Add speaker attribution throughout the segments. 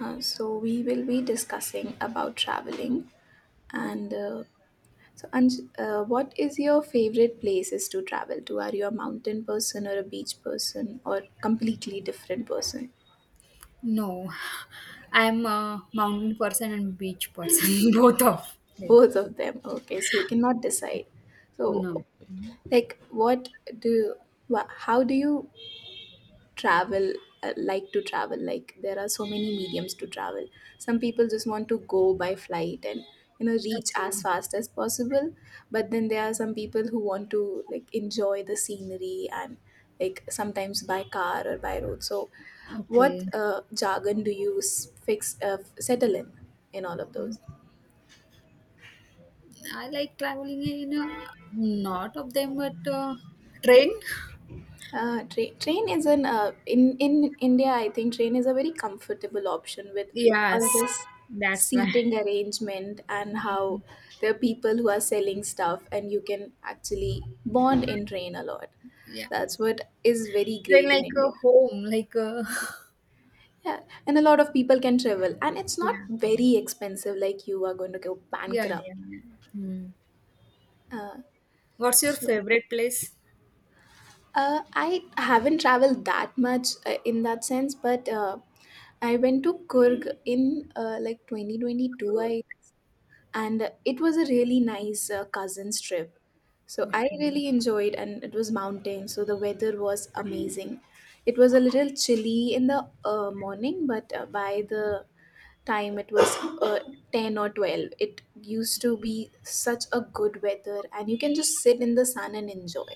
Speaker 1: So we will be discussing about traveling and what is your favorite places to travel to? Are you a mountain person or a beach person or completely different person?
Speaker 2: No, I'm a mountain person and beach person, both of them.
Speaker 1: Both of them. Okay, so you cannot decide.
Speaker 2: No.
Speaker 1: So like what do how do you travel like to travel like there are so many mediums to travel, some people just want to go by flight and you know reach as
Speaker 2: Okay.
Speaker 1: fast as possible, but then there are some people who want to like enjoy the scenery and like sometimes by car or by road. So what
Speaker 2: Okay.
Speaker 1: jargon do you fix settle in all of those.
Speaker 2: I like traveling in a, not of them, but train.
Speaker 1: Train is an in India. I think train is a very comfortable option with all
Speaker 2: Yes,
Speaker 1: this
Speaker 2: that's why.
Speaker 1: seating arrangement, and how there are people who are selling stuff and you can actually bond in train a lot.
Speaker 2: Yeah,
Speaker 1: That's what is very
Speaker 2: train
Speaker 1: great in
Speaker 2: like a
Speaker 1: India.
Speaker 2: home, like a
Speaker 1: Yeah, and a lot of people can travel, and it's not
Speaker 2: yeah,
Speaker 1: very expensive. Like you are going to go
Speaker 2: yeah,
Speaker 1: bankrupt.
Speaker 2: yeah. yeah. Hmm.
Speaker 1: Uh,
Speaker 2: What's your
Speaker 1: so
Speaker 2: favorite place?
Speaker 1: I haven't traveled that much in that sense, but I went to Kurg in like 2022, I and it was a really nice cousins trip. So I
Speaker 2: Okay,
Speaker 1: really enjoyed, and it was mountain, so the weather was amazing. It was a little chilly in the morning, but by the time it was uh, 10 or 12, it used to be such a good weather and you can just sit in the sun and enjoy.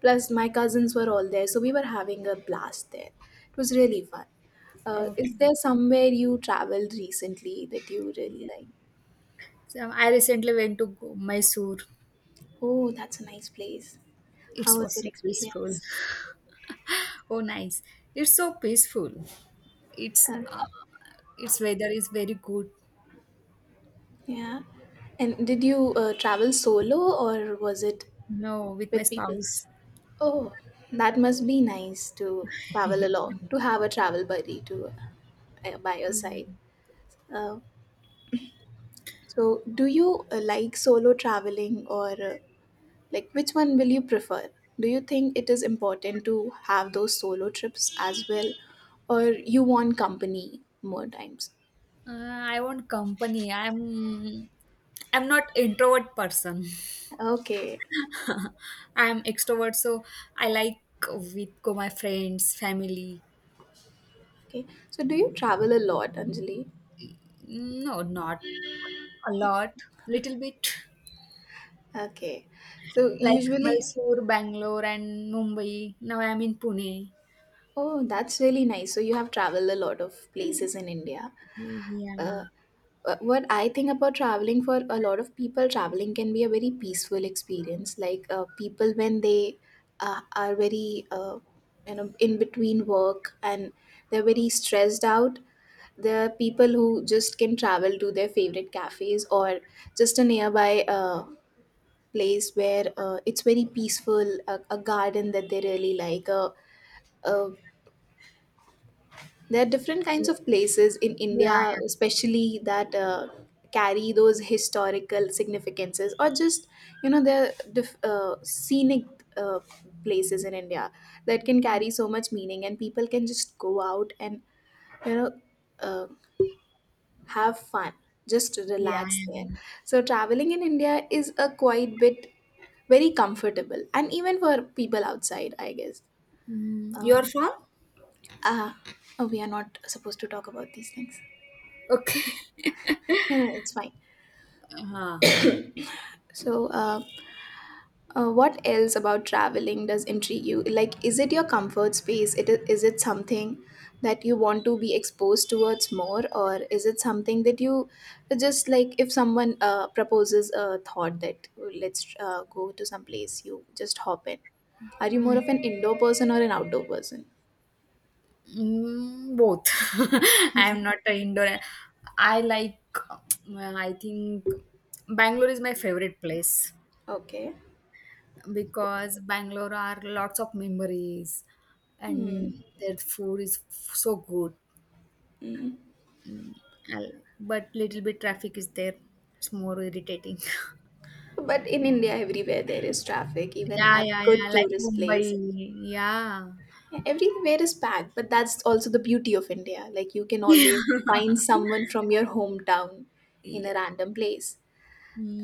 Speaker 1: Plus, my cousins were all there, so we were having a blast there. It was really fun. Is
Speaker 2: okay.
Speaker 1: there somewhere you traveled recently that you really like?
Speaker 2: So I recently went to Go- Mysore.
Speaker 1: Oh, that's a nice place.
Speaker 2: It
Speaker 1: How was
Speaker 2: was
Speaker 1: your
Speaker 2: so peaceful.
Speaker 1: experience?
Speaker 2: Oh, nice. It's so peaceful. It's
Speaker 1: Huh,
Speaker 2: its weather is very good.
Speaker 1: yeah. And did you travel solo or was it
Speaker 2: No, with my
Speaker 1: with people?
Speaker 2: spouse.
Speaker 1: Oh, that must be nice to travel alone, to have a travel buddy to by your side.
Speaker 2: Yeah.
Speaker 1: Uh, so, do you like solo traveling, or like which one will you prefer? Do you think it is important to have those solo trips as well, or you want company more times?
Speaker 2: I want company. I'm not introvert person.
Speaker 1: Okay,
Speaker 2: I'm extrovert, so I like with go my friends, family.
Speaker 1: okay. So, do you travel a lot, Anjali?
Speaker 2: No, not a lot, little bit.
Speaker 1: Okay, so
Speaker 2: Like
Speaker 1: usually,
Speaker 2: Mysore, Bangalore, and Mumbai. Now I'm in Pune.
Speaker 1: oh, that's really nice. So you have traveled a lot of places in India.
Speaker 2: Yeah.
Speaker 1: uh, what I think about traveling, for a lot of people traveling can be a very peaceful experience. Like people when they are very you know in between work and they're very stressed out. There are people who just can travel to their favorite cafes, or just a nearby place where it's very peaceful, a garden that they really like, a there are different kinds of places in
Speaker 2: Yeah,
Speaker 1: India,
Speaker 2: yeah,
Speaker 1: especially that carry those historical significances, or just you know, there are scenic uh, places in India that can carry so much meaning, and people can just go out and you know uh, have fun, just
Speaker 2: yeah,
Speaker 1: relax there.
Speaker 2: yeah.
Speaker 1: So traveling in India is a quite bit very comfortable, and even for people outside, I guess.
Speaker 2: Mm, you're
Speaker 1: Um,
Speaker 2: from?
Speaker 1: ah, oh, we are not supposed to talk about these things.
Speaker 2: Okay.
Speaker 1: You know, it's fine.
Speaker 2: Uh,
Speaker 1: So, what else about traveling does intrigue you? Like, is it your comfort space? Is it something that you want to be exposed towards more, or is it something that you just like? If someone proposes a thought that "Oh, let's go to some place," you just hop in. Are you more of
Speaker 2: mm,
Speaker 1: an indoor person or an outdoor person?
Speaker 2: Both. I'm not an indoor. I like, well, I think Bangalore is my favorite place
Speaker 1: Okay.
Speaker 2: because Bangalore are lots of memories and
Speaker 1: Hmm.
Speaker 2: their food is f- so good. Mm, I like- but little bit traffic is there. It's more irritating.
Speaker 1: But in India, everywhere there is traffic, even
Speaker 2: Yeah,
Speaker 1: at
Speaker 2: yeah, yeah.
Speaker 1: good
Speaker 2: Like
Speaker 1: tourist
Speaker 2: Mumbai.
Speaker 1: place.
Speaker 2: Yeah.
Speaker 1: Everywhere is packed, but that's also the beauty of India. Like you can
Speaker 2: Yeah.
Speaker 1: always find someone from your hometown in a
Speaker 2: Yeah.
Speaker 1: random place.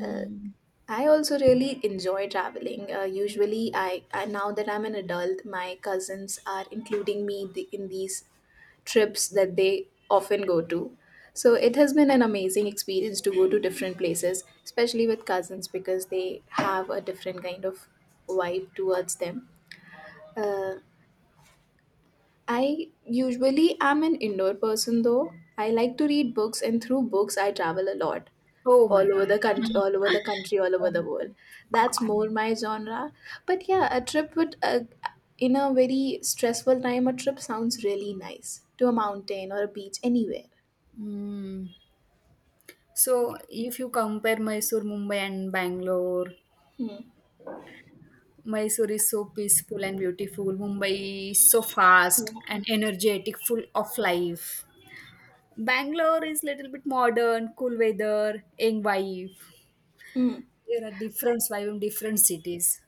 Speaker 1: Uh, I also really enjoy traveling. Usually, I now that I'm an adult, my cousins are including me in these trips that they often go to. So it has been an amazing experience to go to different places, especially with cousins because they have a different kind of vibe towards them. Uh, I usually am an indoor person though. I like to read books, and through books I travel a lot
Speaker 2: Oh my God.
Speaker 1: all over the country, all over
Speaker 2: Um,
Speaker 1: the world. That's more my genre. But yeah, a trip would in a very stressful time, a trip sounds really nice, to a mountain or a beach, anywhere.
Speaker 2: mm. So if you compare Mysore, Mumbai and Bangalore,
Speaker 1: Hmm.
Speaker 2: Mysore is so peaceful and beautiful. Mumbai is so fast
Speaker 1: Yeah.
Speaker 2: and energetic, full of life. Bangalore is little bit modern, cool weather, young vibe.
Speaker 1: Hmm.
Speaker 2: There are different vibe in different cities.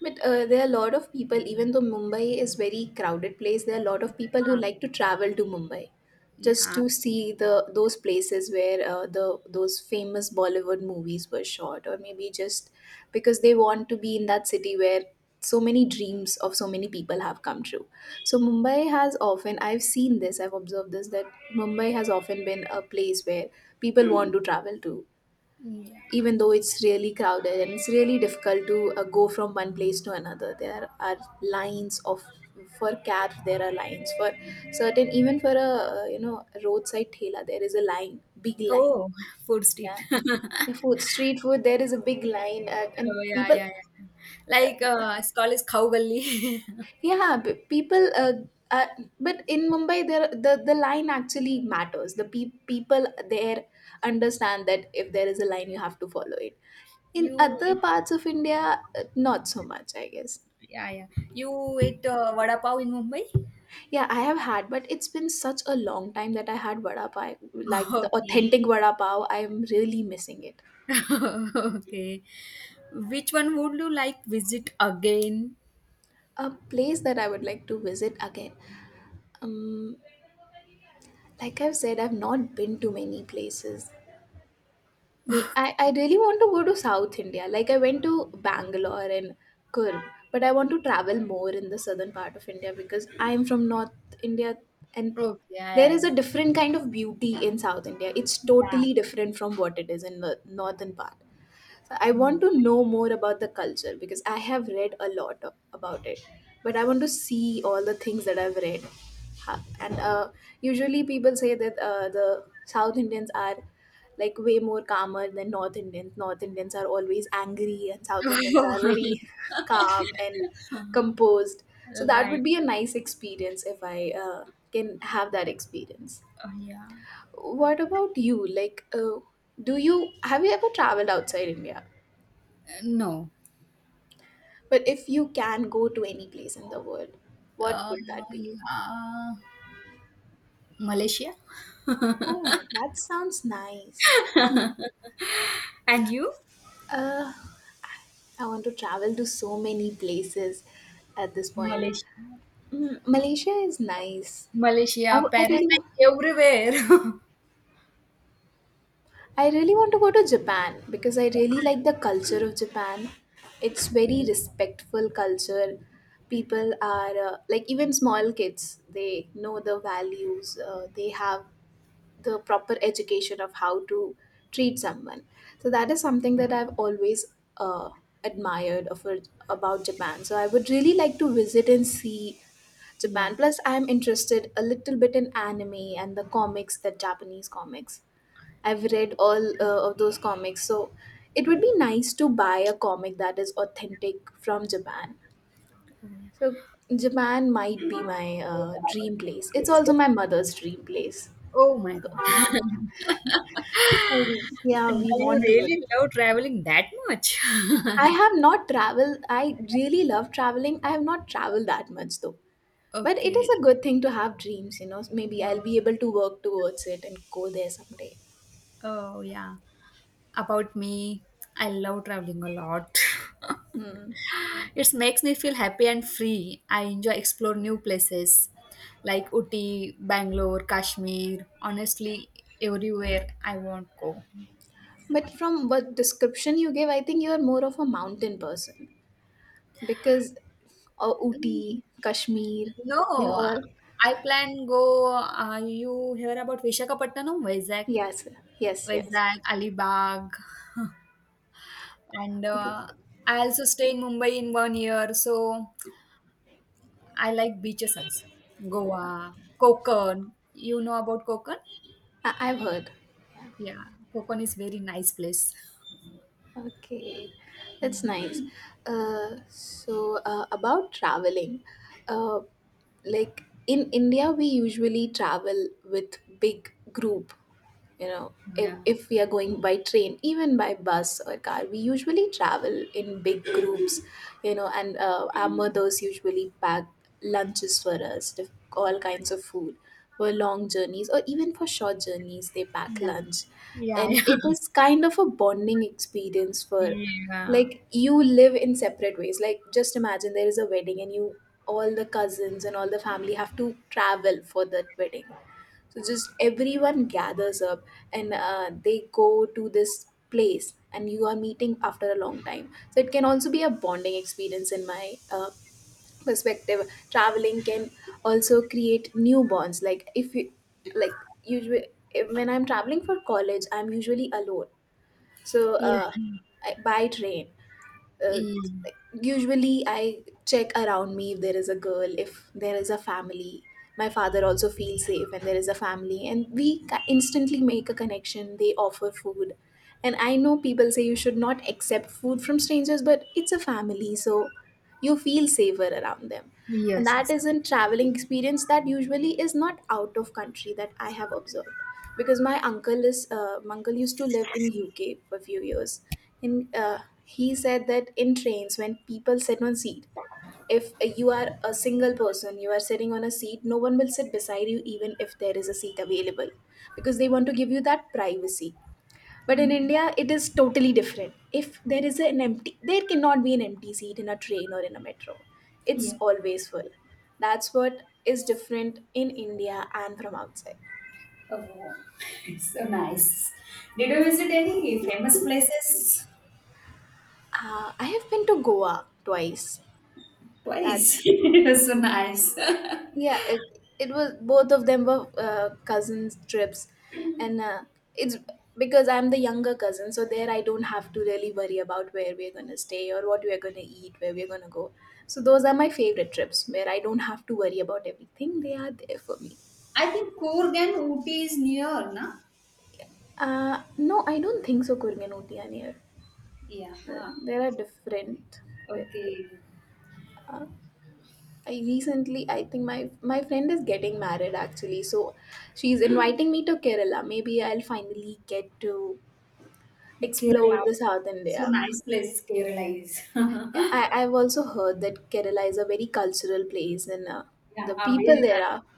Speaker 1: But there are a lot of people, even though Mumbai is very crowded place, there are a lot of people who like to travel to Mumbai
Speaker 2: Yeah.
Speaker 1: just
Speaker 2: Yeah.
Speaker 1: to see the those places where the those famous Bollywood movies were shot, or maybe just because they want to be in that city where so many dreams of so many people have come true. So Mumbai has often, I've seen this, I've observed this, that Mumbai has often been a place where people want to travel to,
Speaker 2: Yeah.
Speaker 1: even though it's really crowded and it's really difficult to go from one place to another. There are lines of, for cabs, there are lines for certain, even for a you know roadside thela there is a line, big line.
Speaker 2: Oh, food street.
Speaker 1: Yeah, the food street food, there is a big line and
Speaker 2: Oh, yeah,
Speaker 1: people,
Speaker 2: yeah, yeah. Like, it's called is Khau Galli.
Speaker 1: yeah, people uh, but in Mumbai, there, the line actually matters. The people there understand that if there is a line, you have to follow it. In
Speaker 2: You
Speaker 1: other
Speaker 2: eat,
Speaker 1: parts of India, not so much, I guess.
Speaker 2: yeah, yeah. You eat vada pav in Mumbai?
Speaker 1: Yeah, I have had, but it's been such a long time that I had vada pav, like the
Speaker 2: Okay.
Speaker 1: authentic vada pav. I'm really missing it.
Speaker 2: Okay. Which one would you like visit again?
Speaker 1: A place that I would like to visit again. Um, like I've said, I've not been to many places. I really want to go to South India. Like I went to Bangalore and Kurg, but I want to travel more in the southern part of India because I'm from North India, and
Speaker 2: Okay, yeah,
Speaker 1: there is
Speaker 2: yeah,
Speaker 1: a
Speaker 2: yeah.
Speaker 1: different kind of beauty in South India. It's
Speaker 2: Yeah.
Speaker 1: totally different from what it is in the northern part. So I want
Speaker 2: Hmm.
Speaker 1: to know more about the culture because I have read a lot about it, but I want to see all the things that I've read. And usually people say that the South Indians are like way more calmer than North Indians. North Indians are always angry, and South Indians are very calm and composed. So that would
Speaker 2: Like,
Speaker 1: be a nice experience if I can have that experience.
Speaker 2: oh, yeah.
Speaker 1: What about you? Like, do you have you ever traveled outside India?
Speaker 2: No.
Speaker 1: But if you can go to any place in the world, what
Speaker 2: Uh,
Speaker 1: would that be?
Speaker 2: yeah. Malaysia.
Speaker 1: Oh, that sounds nice.
Speaker 2: And you?
Speaker 1: Uh, I want to travel to so many places at this point.
Speaker 2: Malaysia.
Speaker 1: Mm, Malaysia is nice. I,
Speaker 2: Malaysia,
Speaker 1: w- I
Speaker 2: Paris,
Speaker 1: really,
Speaker 2: like everywhere.
Speaker 1: I really want to go to Japan because I really
Speaker 2: Japan.
Speaker 1: like the culture of Japan. It's very respectful culture. People are like even small kids, they know the values. They have the proper education of how to treat someone. So that is something that I've always uh, admired of about Japan. So I would really like to visit and see
Speaker 2: Yeah.
Speaker 1: Japan. Plus, I'm interested a little bit in anime and the comics, the Japanese comics. I've read all of those comics, so it would be nice to buy a comic that is authentic from Japan. So Japan might be my dream place. It's also my mother's dream place.
Speaker 2: Oh my
Speaker 1: So
Speaker 2: god.
Speaker 1: okay. Yeah,
Speaker 2: Do
Speaker 1: we
Speaker 2: you
Speaker 1: want to.
Speaker 2: really love traveling that much?
Speaker 1: I have not traveled. I really love traveling. I have not traveled that much though. But it is
Speaker 2: Okay.
Speaker 1: a good thing to have dreams, you know. Maybe
Speaker 2: Oh,
Speaker 1: I'll be able to work towards it and go there someday.
Speaker 2: oh yeah. About me, I love traveling a lot.
Speaker 1: Hmm.
Speaker 2: It makes me feel happy and free. I enjoy explore new places like Uti, Bangalore, Kashmir, honestly everywhere I want go.
Speaker 1: But from what description you gave, I think you are more of a mountain person because
Speaker 2: Mm,
Speaker 1: Ooty, Kashmir, they
Speaker 2: No,
Speaker 1: all.
Speaker 2: I plan go you hear about Vishakhapatnam, Vizag,
Speaker 1: Yes, yes, yes.
Speaker 2: Alibag and
Speaker 1: Okay.
Speaker 2: I also stay in Mumbai in 1 year so I like beaches also. Goa, Konkan. You know about Konkan?
Speaker 1: I've heard.
Speaker 2: Yeah, Konkan is very nice place.
Speaker 1: Okay, that's
Speaker 2: Mhm.
Speaker 1: nice. So about traveling, uh, like in India, we usually travel with big group, you know. if,
Speaker 2: Yeah,
Speaker 1: if we are going by train, even by bus or car, we usually travel in big groups, you know. And our mothers usually pack lunches for us, all kinds of food for long journeys, or even for short journeys they pack
Speaker 2: yeah,
Speaker 1: lunch.
Speaker 2: yeah,
Speaker 1: And
Speaker 2: yeah,
Speaker 1: it is kind of a bonding experience for,
Speaker 2: yeah,
Speaker 1: like you live in separate ways, like just imagine there is a wedding, and you, all the cousins and all the family have to travel for that wedding. So just everyone gathers up, and they go to this place and you are meeting after a long time. So it can also be a bonding experience in my perspective. Traveling can also create new bonds. Like if you like usually when I'm traveling for college, I'm usually alone. So
Speaker 2: yeah.
Speaker 1: uh, by train, uh,
Speaker 2: Yeah.
Speaker 1: usually I check around me if there is a girl, if there is a family. My father also feels safe when there is a family, and we instantly make a connection. They offer food, and I know people say you should not accept food from strangers, but it's a family, so you feel safer around them, and
Speaker 2: Yes,
Speaker 1: that
Speaker 2: yes.
Speaker 1: is in traveling experience that usually is not out of country that I have observed, because my uncle used to live in UK for a few years. And He said that in trains, when people sit on seat, if you are a single person you are sitting on a seat, no one will sit beside you even if there is a seat available, because they want to give you that privacy. But in India, it is totally different. If there is an empty, there cannot be an empty seat in a train or in a metro. It's
Speaker 2: Yeah.
Speaker 1: always full. That's what is different in India and from outside.
Speaker 2: Oh, so nice. Did you visit any famous places?
Speaker 1: I have been to Goa twice.
Speaker 2: Twice.
Speaker 1: That's
Speaker 2: It was so nice.
Speaker 1: Yeah, it was, both of them were cousins trips, and it's because I'm the younger cousin, so there I don't have to really worry about where we're gonna stay or what we're gonna eat, where we're gonna go. So those are my favorite trips where I don't have to worry about everything. They are there for me.
Speaker 2: I think Coorg and Ooty is near, na?
Speaker 1: No, I don't think so. Kurgan Utiyanir.
Speaker 2: Yeah.
Speaker 1: There are different.
Speaker 2: Okay.
Speaker 1: I think my friend is getting married actually, so she's inviting me to Kerala. Maybe I'll finally get to explore
Speaker 2: Kerala.
Speaker 1: the South
Speaker 2: So
Speaker 1: India.
Speaker 2: nice place Kerala is.
Speaker 1: I, I've also heard that Kerala is a very cultural place, and
Speaker 2: Yeah,
Speaker 1: the people
Speaker 2: very
Speaker 1: there are
Speaker 2: nice.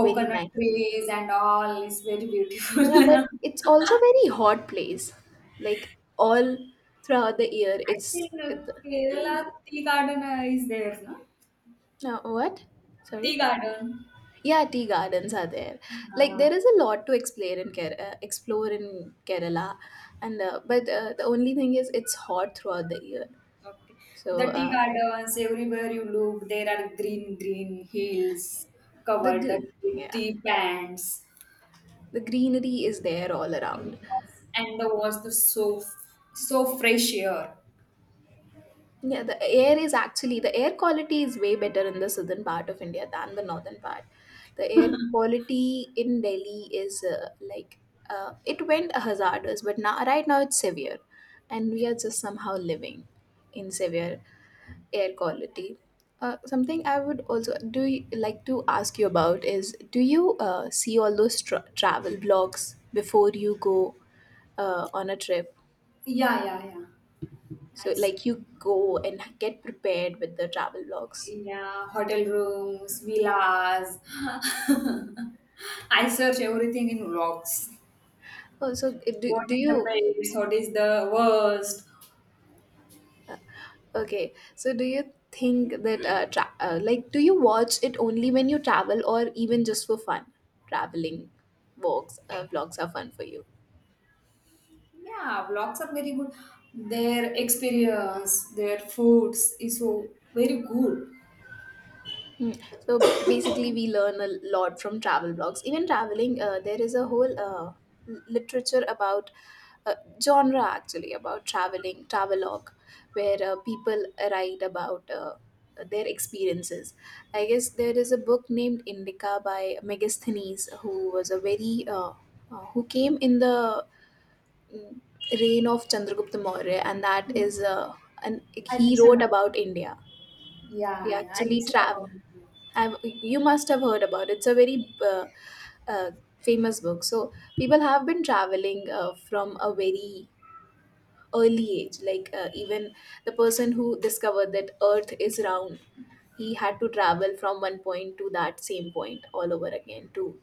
Speaker 1: very nice.
Speaker 2: trees and all is very beautiful.
Speaker 1: Yeah,
Speaker 2: I
Speaker 1: but it's also very hot place. Like all throughout the year, it's
Speaker 2: think
Speaker 1: it,
Speaker 2: Kerala tea garden is there, no?
Speaker 1: No what?
Speaker 2: Tea
Speaker 1: Sorry.
Speaker 2: garden.
Speaker 1: Yeah, tea gardens are there. Like
Speaker 2: Ah,
Speaker 1: there is a lot to explore in Kerala, and but the only thing is it's hot throughout the year.
Speaker 2: okay. The
Speaker 1: So
Speaker 2: tea
Speaker 1: uh,
Speaker 2: gardens, everywhere you look, there are green, green hills
Speaker 1: the
Speaker 2: covered the
Speaker 1: gr- yeah,
Speaker 2: tea plants.
Speaker 1: the greenery is there all around.
Speaker 2: Yes. And the was the so so fresh air.
Speaker 1: Yeah, the air is actually, the air quality is way better in the southern part of India than the northern part. The air quality in Delhi is it went hazardous, but now right now it's severe, and we are just somehow living in severe air quality. Something I would also, like to ask you about, is do you see all those travel blogs before you go on a trip?
Speaker 2: Yeah, yeah, yeah.
Speaker 1: So
Speaker 2: I see.
Speaker 1: like you go and get prepared with the travel vlogs.
Speaker 2: Yeah, hotel rooms, villas. I search everything in vlogs.
Speaker 1: Oh, so uh, do,
Speaker 2: What
Speaker 1: do
Speaker 2: is the
Speaker 1: you
Speaker 2: best? What is the worst?
Speaker 1: okay, so do you think that like do you watch it only when you travel, or even just for fun? Traveling vlogs Vlogs are fun for you?
Speaker 2: Yeah, vlogs are very good. Their experience, their foods is so very good.
Speaker 1: Mm. So basically, we learn a lot from travel blogs. Even traveling, there is a whole literature about uh, genre actually about traveling, travelogue, where people write about their experiences. I guess there is a book named Indica by Megasthenes, who was a very who came in the mm, reign of Chandragupta Maurya, and that is an
Speaker 2: I
Speaker 1: he
Speaker 2: listen
Speaker 1: wrote
Speaker 2: up.
Speaker 1: about India. He
Speaker 2: Yeah, yeah, I
Speaker 1: actually
Speaker 2: listen
Speaker 1: traveled.
Speaker 2: about it.
Speaker 1: Have you must have heard about it. It's a very uh, famous book. So people have been traveling from a very early age. Like even the person who discovered that Earth is round, he had to travel from one point to that same point all over again to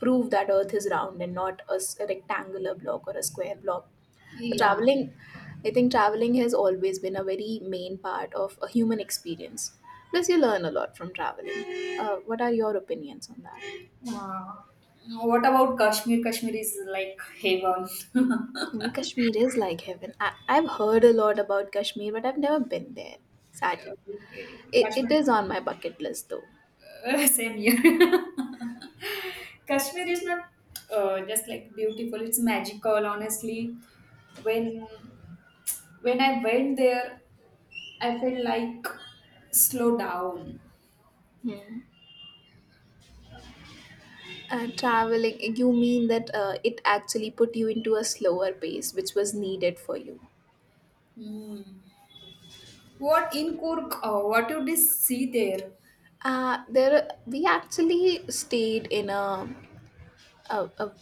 Speaker 1: prove that Earth is round and not a rectangular block or a square block.
Speaker 2: Yeah.
Speaker 1: Traveling i think traveling has always been a very main part of a human experience. Plus you learn a lot from traveling. What are your opinions on that?
Speaker 2: Uh, what about Kashmir? Kashmir is like heaven.
Speaker 1: Mm, Kashmir is like heaven. I've heard a lot about Kashmir, but I've never been there, sadly.
Speaker 2: Okay,
Speaker 1: it,
Speaker 2: Kashmir
Speaker 1: it is
Speaker 2: is
Speaker 1: on my bucket list though.
Speaker 2: same here. Kashmir is not just like beautiful; it's magical. Honestly, when when I went there, I felt like slow down.
Speaker 1: Uh, traveling, you mean that it actually put you into a slower pace which was needed for you.
Speaker 2: Hmm. What in Kurk? What you did see there?
Speaker 1: Uh, there we actually stayed in a, a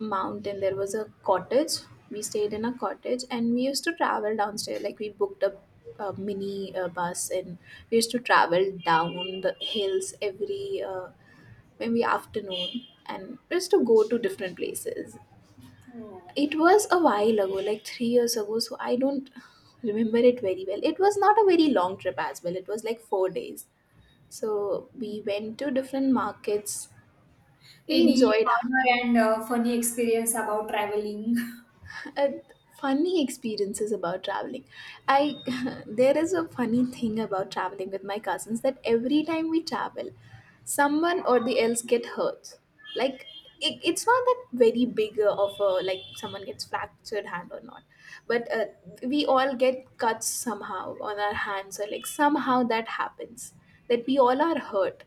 Speaker 1: mountain. There was a cottage. We stayed in a cottage, and we used to travel downstairs. Like we booked a mini bus, and we used to travel down the hills every maybe afternoon, and we used to go to different places.
Speaker 2: Oh.
Speaker 1: It was a while ago, like 3 years ago, so I don't remember it very well. It was not a very long trip as well, it was like 4 days. So we went to different markets. We
Speaker 2: Any
Speaker 1: enjoyed
Speaker 2: funny and funny experience about traveling?
Speaker 1: uh, funny experiences about traveling. I There is a funny thing about traveling with my cousins, that every time we travel someone or the else get hurt. Like, it's not that very big of a like someone gets fractured hand or not, but we all get cuts somehow on our hands, or like somehow that happens, that we all are hurt.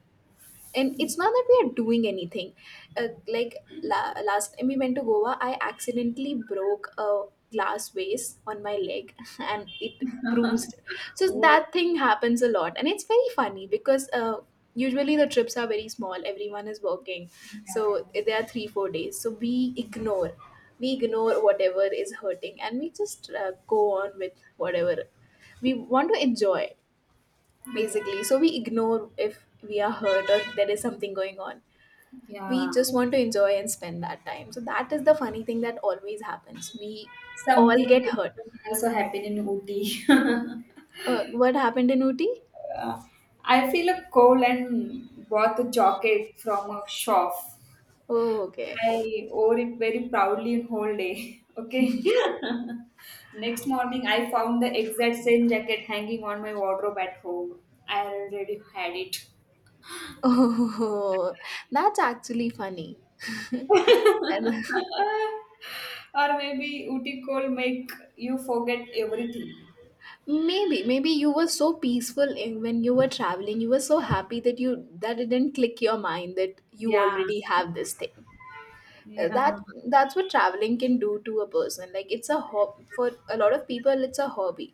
Speaker 1: And it's not that we are doing anything. uh, like Last time we went to Goa, I accidentally broke a glass vase on my leg and it bruised. So
Speaker 2: Oh,
Speaker 1: that thing happens a lot, and it's very funny because usually the trips are very small, everyone is working,
Speaker 2: yeah, yeah,
Speaker 1: so they are 3 4 days, so we ignore ignore whatever is hurting, and we just go on with whatever we want to enjoy,
Speaker 2: yeah,
Speaker 1: basically. So we ignore if we are hurt or there is something going on. We
Speaker 2: yeah.
Speaker 1: just want to enjoy and spend that time. So that is the funny thing that always happens, we all
Speaker 2: Something
Speaker 1: get
Speaker 2: really
Speaker 1: hurt.
Speaker 2: funny also happened in Ooty.
Speaker 1: Uh, what happened in Uti?
Speaker 2: Uh, I feel a cold and bought a jacket from a shop.
Speaker 1: Oh, okay.
Speaker 2: I wore it very proudly in whole day. Okay. Next morning, I found the exact same jacket hanging on my wardrobe at home. I already had it.
Speaker 1: Oh, that's actually funny. And,
Speaker 2: Or maybe Uti cold make you forget everything.
Speaker 1: maybe you were so peaceful in, when you were traveling, you were so happy that you that it didn't click your mind that you
Speaker 2: Yeah.
Speaker 1: already have this thing. Uh,
Speaker 2: Yeah.
Speaker 1: that that's what traveling can do to a person. Like it's a hob for a lot of people, it's a hobby.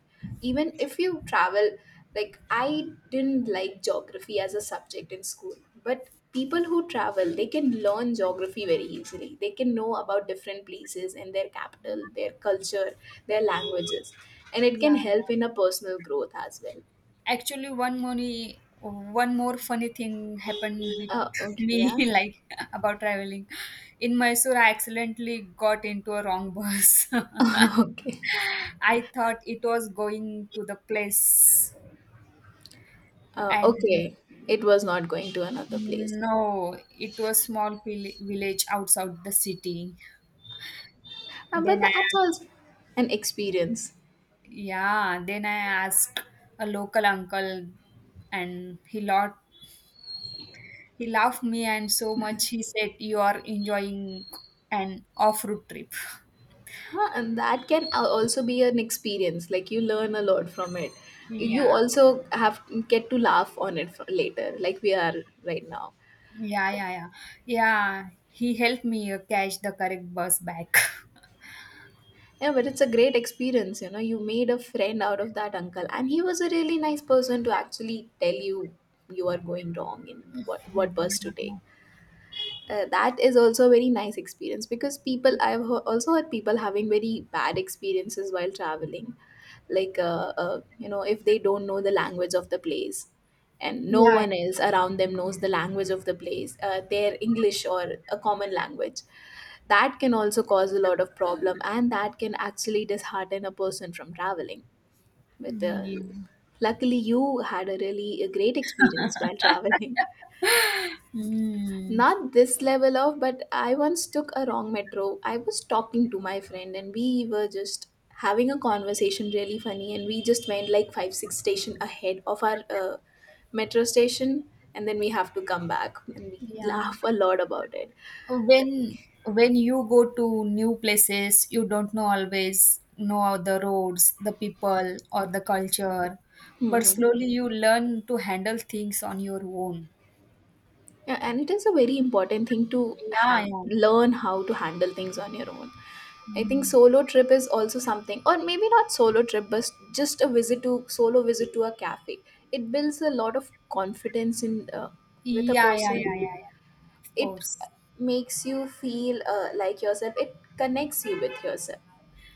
Speaker 1: Even if you travel, like I didn't like geography as a subject in school, but people who travel, they can learn geography very easily. They can know about different places and their capital, their culture, their languages, and it can
Speaker 2: Yeah.
Speaker 1: help in a personal growth as well.
Speaker 2: Actually, one more funny thing happened with
Speaker 1: Okay,
Speaker 2: me,
Speaker 1: yeah.
Speaker 2: like about traveling. In Mysore, I accidentally got into a wrong bus.
Speaker 1: Okay.
Speaker 2: I thought it was going to the place,
Speaker 1: Uh,
Speaker 2: and
Speaker 1: okay, it was not going to another place.
Speaker 2: no, it was small vil- village outside the city.
Speaker 1: But
Speaker 2: Then I,
Speaker 1: that's also an experience.
Speaker 2: yeah, then I asked a local uncle, and he laughed me and so much he said you are enjoying an off-road trip.
Speaker 1: Huh? And that can also be an experience. Like you learn a lot from it. You
Speaker 2: Yeah.
Speaker 1: also have get to laugh on it for later, like we are right now.
Speaker 2: Yeah, yeah, yeah. Yeah, he helped me catch the correct bus back.
Speaker 1: Yeah, but it's a great experience. You know, you made a friend out of that uncle, and he was a really nice person to actually tell you you are going wrong in what bus to take. Uh, that is also a very nice experience, because also heard people having very bad experiences while traveling. Like you know, if they don't know the language of the place, and no
Speaker 2: Yeah.
Speaker 1: one else around them knows the language of the place, their English or a common language, that can also cause a lot of problem, and that can actually dishearten a person from traveling. But
Speaker 2: Yeah. Yeah.
Speaker 1: Luckily you had a really a great experience while traveling.
Speaker 2: Mm,
Speaker 1: Not this level of, but I once took a wrong metro. I was talking to my friend and we were just having a conversation, really funny, and we just went like 5 6 station ahead of our metro station, and then we have to come back and we
Speaker 2: yeah.
Speaker 1: laugh a lot about it.
Speaker 2: When when you go to new places, you don't know always know the roads, the people, or the culture, but
Speaker 1: Mhm.
Speaker 2: slowly you learn to handle things on your own.
Speaker 1: Yeah, and it is a very important thing to
Speaker 2: Yeah, yeah.
Speaker 1: learn how to handle things on your own. I think
Speaker 2: Mm.
Speaker 1: solo trip is also something, or maybe not solo trip, but just a visit to solo visit to a cafe. It builds a lot of confidence in with a
Speaker 2: Yeah, yeah,
Speaker 1: person.
Speaker 2: yeah, yeah, yeah. Of
Speaker 1: It
Speaker 2: course.
Speaker 1: makes you feel like yourself. It connects you with yourself.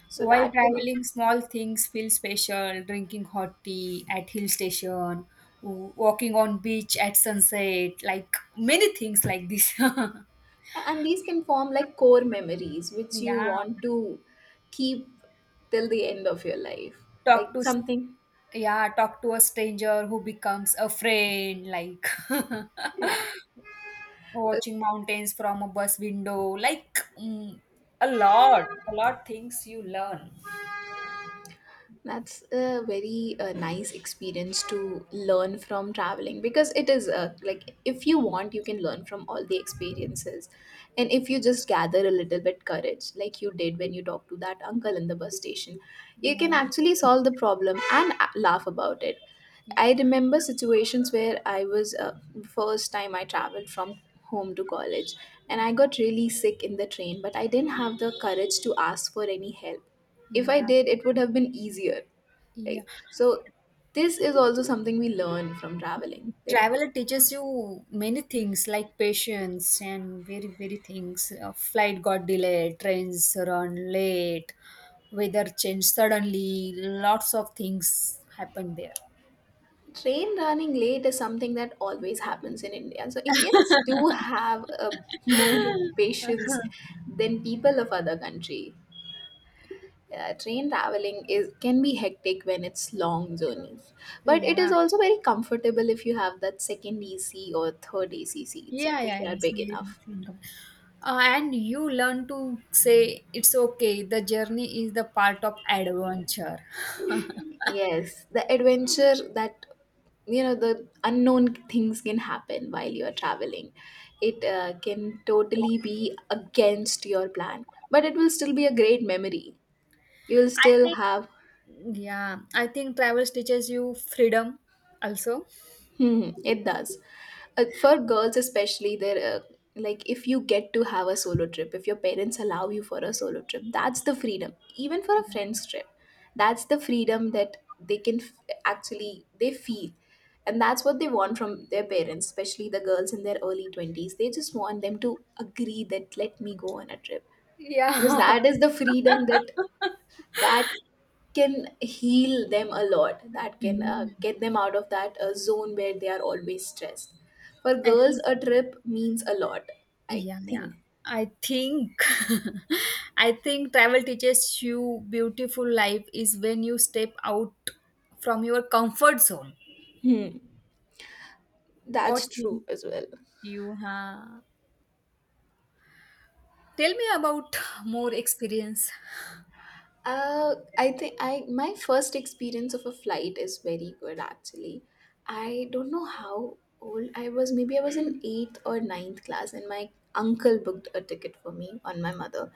Speaker 1: So
Speaker 2: While
Speaker 1: that can
Speaker 2: traveling, small things feel special. Drinking hot tea at hill station, w- walking on beach at sunset, like many things like this.
Speaker 1: and these can form like core memories which you
Speaker 2: Yeah.
Speaker 1: want to keep till the end of your life. Like
Speaker 2: Talk to, s-
Speaker 1: something,
Speaker 2: yeah, talk to a stranger who becomes a friend, like
Speaker 1: yeah.
Speaker 2: watching mountains from a bus window, like mm, a lot things you learn.
Speaker 1: That's a very nice experience to learn from traveling, because it is like if you want, you can learn from all the experiences. And if you just gather a little bit courage, like you did when you talked to that uncle in the bus station, you can
Speaker 2: Yeah,
Speaker 1: actually solve the problem and laugh about it.
Speaker 2: yeah,
Speaker 1: I remember situations where I was first time I traveled from home to college, and I got really sick in the train, but I didn't have the courage to ask for any help. If I
Speaker 2: yeah.
Speaker 1: did it would have been easier,
Speaker 2: Yeah.
Speaker 1: right? So this is also something we learn from traveling. That
Speaker 2: Travel teaches you many things like patience and very, very things. Flight got delayed, trains run late, weather changed suddenly, lots of things happened there.
Speaker 1: train running late is something that always happens in India. So Indians do have a more patience than people of other country. Train traveling is can be hectic when it's long journeys, but it is
Speaker 2: Yeah,
Speaker 1: also very comfortable if you have that second AC or third AC seats
Speaker 2: yeah,
Speaker 1: because
Speaker 2: yeah.
Speaker 1: they
Speaker 2: It
Speaker 1: are
Speaker 2: was
Speaker 1: big
Speaker 2: very
Speaker 1: enough.
Speaker 2: much income. And you learn to say it's okay. The journey is the part of adventure. I
Speaker 1: Yes, the adventure that you know the unknown things can happen while you are traveling. It can totally be against your plan, but it will still be a great memory. You will still
Speaker 2: think
Speaker 1: have.
Speaker 2: Yeah, I think travel teaches you freedom also.
Speaker 1: Hmm, it does. For girls especially, there like if you get to have a solo trip, if your parents allow you for a solo trip, that's the freedom. Even for a friend's trip, that's the freedom that actually they feel, and that's what they want from their parents, especially the girls in their early twenties. They just want them to agree that let me go on a trip because
Speaker 2: Yeah.
Speaker 1: that is the freedom that that can heal them a lot, that can
Speaker 2: Mhm.
Speaker 1: get them out of that zone where they are always stressed. For
Speaker 2: I
Speaker 1: girls
Speaker 2: think,
Speaker 1: a trip means a lot, I
Speaker 2: yeah, yeah.
Speaker 1: think.
Speaker 2: I think, I think travel teaches you beautiful life is when you step out from your comfort zone. What
Speaker 1: That's true
Speaker 2: think
Speaker 1: as well.
Speaker 2: you have? Tell me about more experience.
Speaker 1: uh, I think I my first experience of a flight is very good actually. I don't know how old I was. Maybe I was in eighth or ninth class, and my uncle booked a ticket for me on my mother,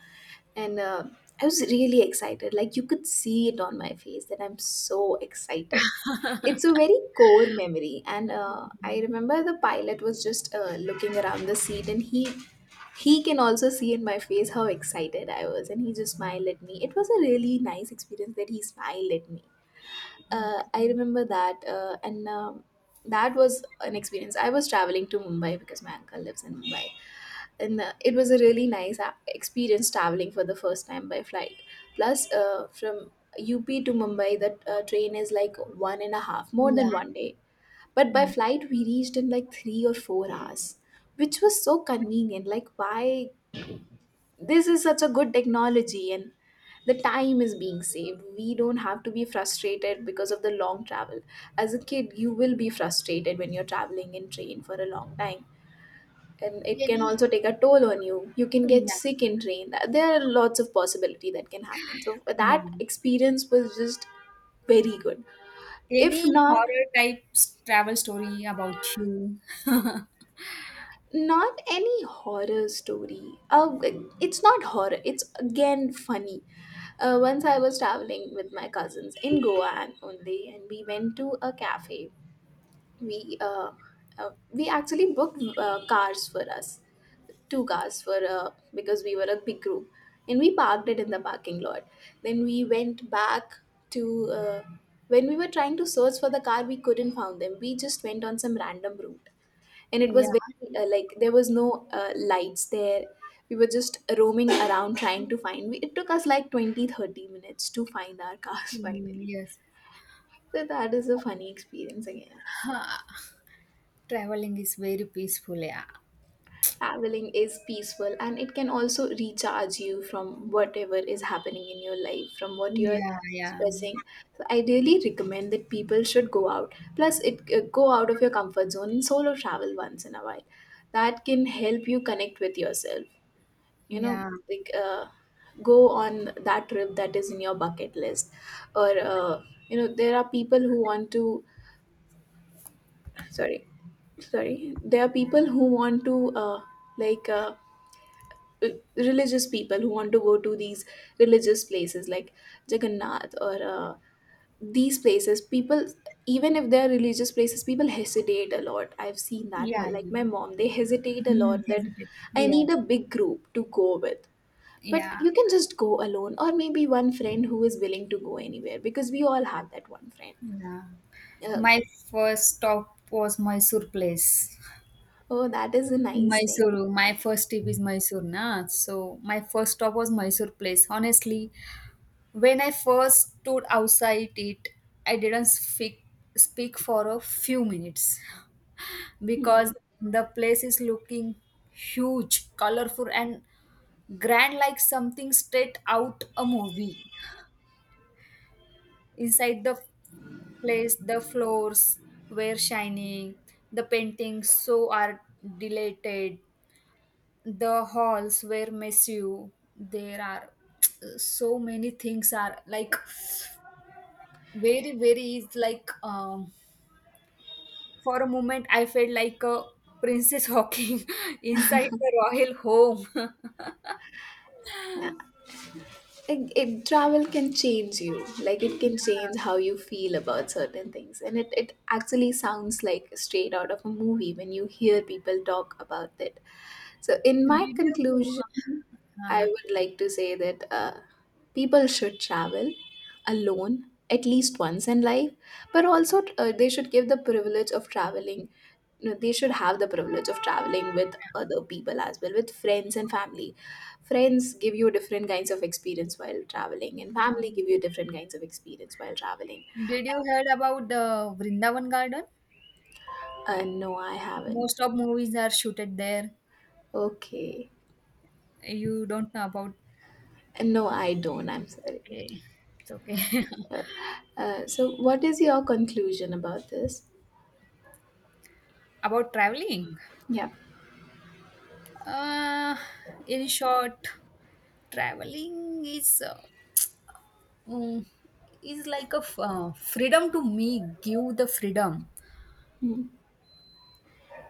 Speaker 1: and I was really excited. Like you could see it on my face that I'm so excited. It's a very core memory, and I remember the pilot was just looking around the seat, and he can also see in my face how excited I was, and he just smiled at me. It was a really nice experience that he smiled at me. I
Speaker 2: Okay.
Speaker 1: remember that, and that was an experience. I was traveling to Mumbai because my uncle lives in Mumbai, and it was a really nice experience traveling for the first time by flight, plus from up to Mumbai the train is like one and a half, more
Speaker 2: Yeah.
Speaker 1: than one day, but by
Speaker 2: Yeah.
Speaker 1: flight we reached in like 3 or 4 hours, which was so convenient. Like, why this is such a good technology, and the time is being saved. We don't have to be frustrated because of the long travel. As a kid you will be frustrated when you're traveling in train for a long time, and it can
Speaker 2: Any,
Speaker 1: also take a toll on you. You can get
Speaker 2: yeah.
Speaker 1: sick in train. There are lots of possibility that can happen. So
Speaker 2: Yeah.
Speaker 1: that experience was just very good. If
Speaker 2: Any
Speaker 1: not,
Speaker 2: horror type s- travel story about you?
Speaker 1: not any horror story, it's not horror, it's again funny. Once I was traveling with my cousins in Goa and only, and we went to a cafe. We uh, uh, we actually booked cars for us, two cars for, because we were a big group, and we parked it in the parking lot. Then we went back. To When we were trying to search for the car, we couldn't found them. We just went on some random route, and it was
Speaker 2: Yeah,
Speaker 1: very like there was no lights there. We were just roaming around trying to find, it took us like 20-30 minutes to find our cars
Speaker 2: mm,
Speaker 1: finally.
Speaker 2: yes.
Speaker 1: So that is a funny experience again.
Speaker 2: Traveling is very peaceful. Yeah,
Speaker 1: Traveling is peaceful, and it can also recharge you from whatever is happening in your life, from what you're
Speaker 2: yeah, yeah,
Speaker 1: stressing. So I really recommend that people should go out. Plus, it, go out of your comfort zone and solo travel once in a while. That can help you connect with yourself. You know,
Speaker 2: yeah,
Speaker 1: like go on that trip that is in your bucket list, or there are people who want to. Sorry, sorry. There are people who want to, uh, like. Uh, Religious people who want to go to these religious places, like Jagannath, or these places, people, even if they're religious places, people hesitate a lot. I've seen that my,
Speaker 2: yeah,
Speaker 1: like
Speaker 2: yeah.
Speaker 1: my mom, they hesitate a
Speaker 2: Mm,
Speaker 1: lot that
Speaker 2: hesitate.
Speaker 1: I need
Speaker 2: Yes,
Speaker 1: a big group to go with, but
Speaker 2: yeah,
Speaker 1: you can just go alone, or maybe one friend who is willing to go anywhere because we all have that one friend.
Speaker 2: yeah.
Speaker 1: uh,
Speaker 2: My first stop was Mysore place.
Speaker 1: oh, that is a
Speaker 2: In
Speaker 1: nice thing.
Speaker 2: Mysore, my first trip is Mysore, na. So my first stop was Mysore place. Honestly, when I first stood outside it, I didn't speak for a few minutes
Speaker 1: Hmm.
Speaker 2: because the place is looking huge, colorful, and grand like something straight out a movie. Inside the place, the floors were shining, the paintings so are dilated, the halls were messy. There are so many things are like very very is like for a moment I felt like a princess walking inside the royal home.
Speaker 1: Yeah, it travel can change you, like it can change how you feel about certain things, and it actually sounds like straight out of a movie when you hear people talk about it. So in
Speaker 2: did
Speaker 1: my
Speaker 2: you
Speaker 1: conclusion I
Speaker 2: uh,
Speaker 1: would like to say that people should travel alone at least once in life, but also they should give the privilege of traveling. You know, they should have the privilege of traveling with other people as well, with friends and family. Friends give you different kinds of experience while traveling, and family
Speaker 2: yeah.
Speaker 1: give you different kinds of experience while traveling.
Speaker 2: Did you heard about the vrindavan garden?
Speaker 1: No, I haven't.
Speaker 2: Most of movies are shooted there.
Speaker 1: Okay.
Speaker 2: You don't know about?
Speaker 1: No, I don't, I'm sorry.
Speaker 2: Okay, it's okay.
Speaker 1: uh, so what is your conclusion about this?
Speaker 2: About traveling.
Speaker 1: Yeah.
Speaker 2: Uh, in short, traveling is mm, is like a f- freedom to me. Give the freedom.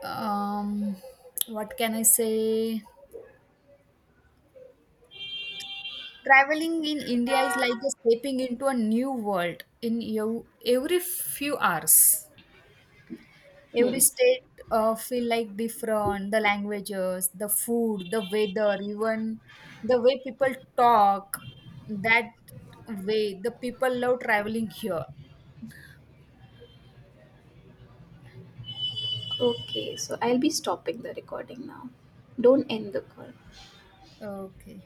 Speaker 2: Um, what can I say? Traveling in India is like a stepping into a new world in you every few hours. Every state feel like different. The languages, the food, the weather, even the way people talk. That way, the people love traveling here.
Speaker 1: Okay, so I'll be stopping the recording now. Don't end the call.
Speaker 2: Okay.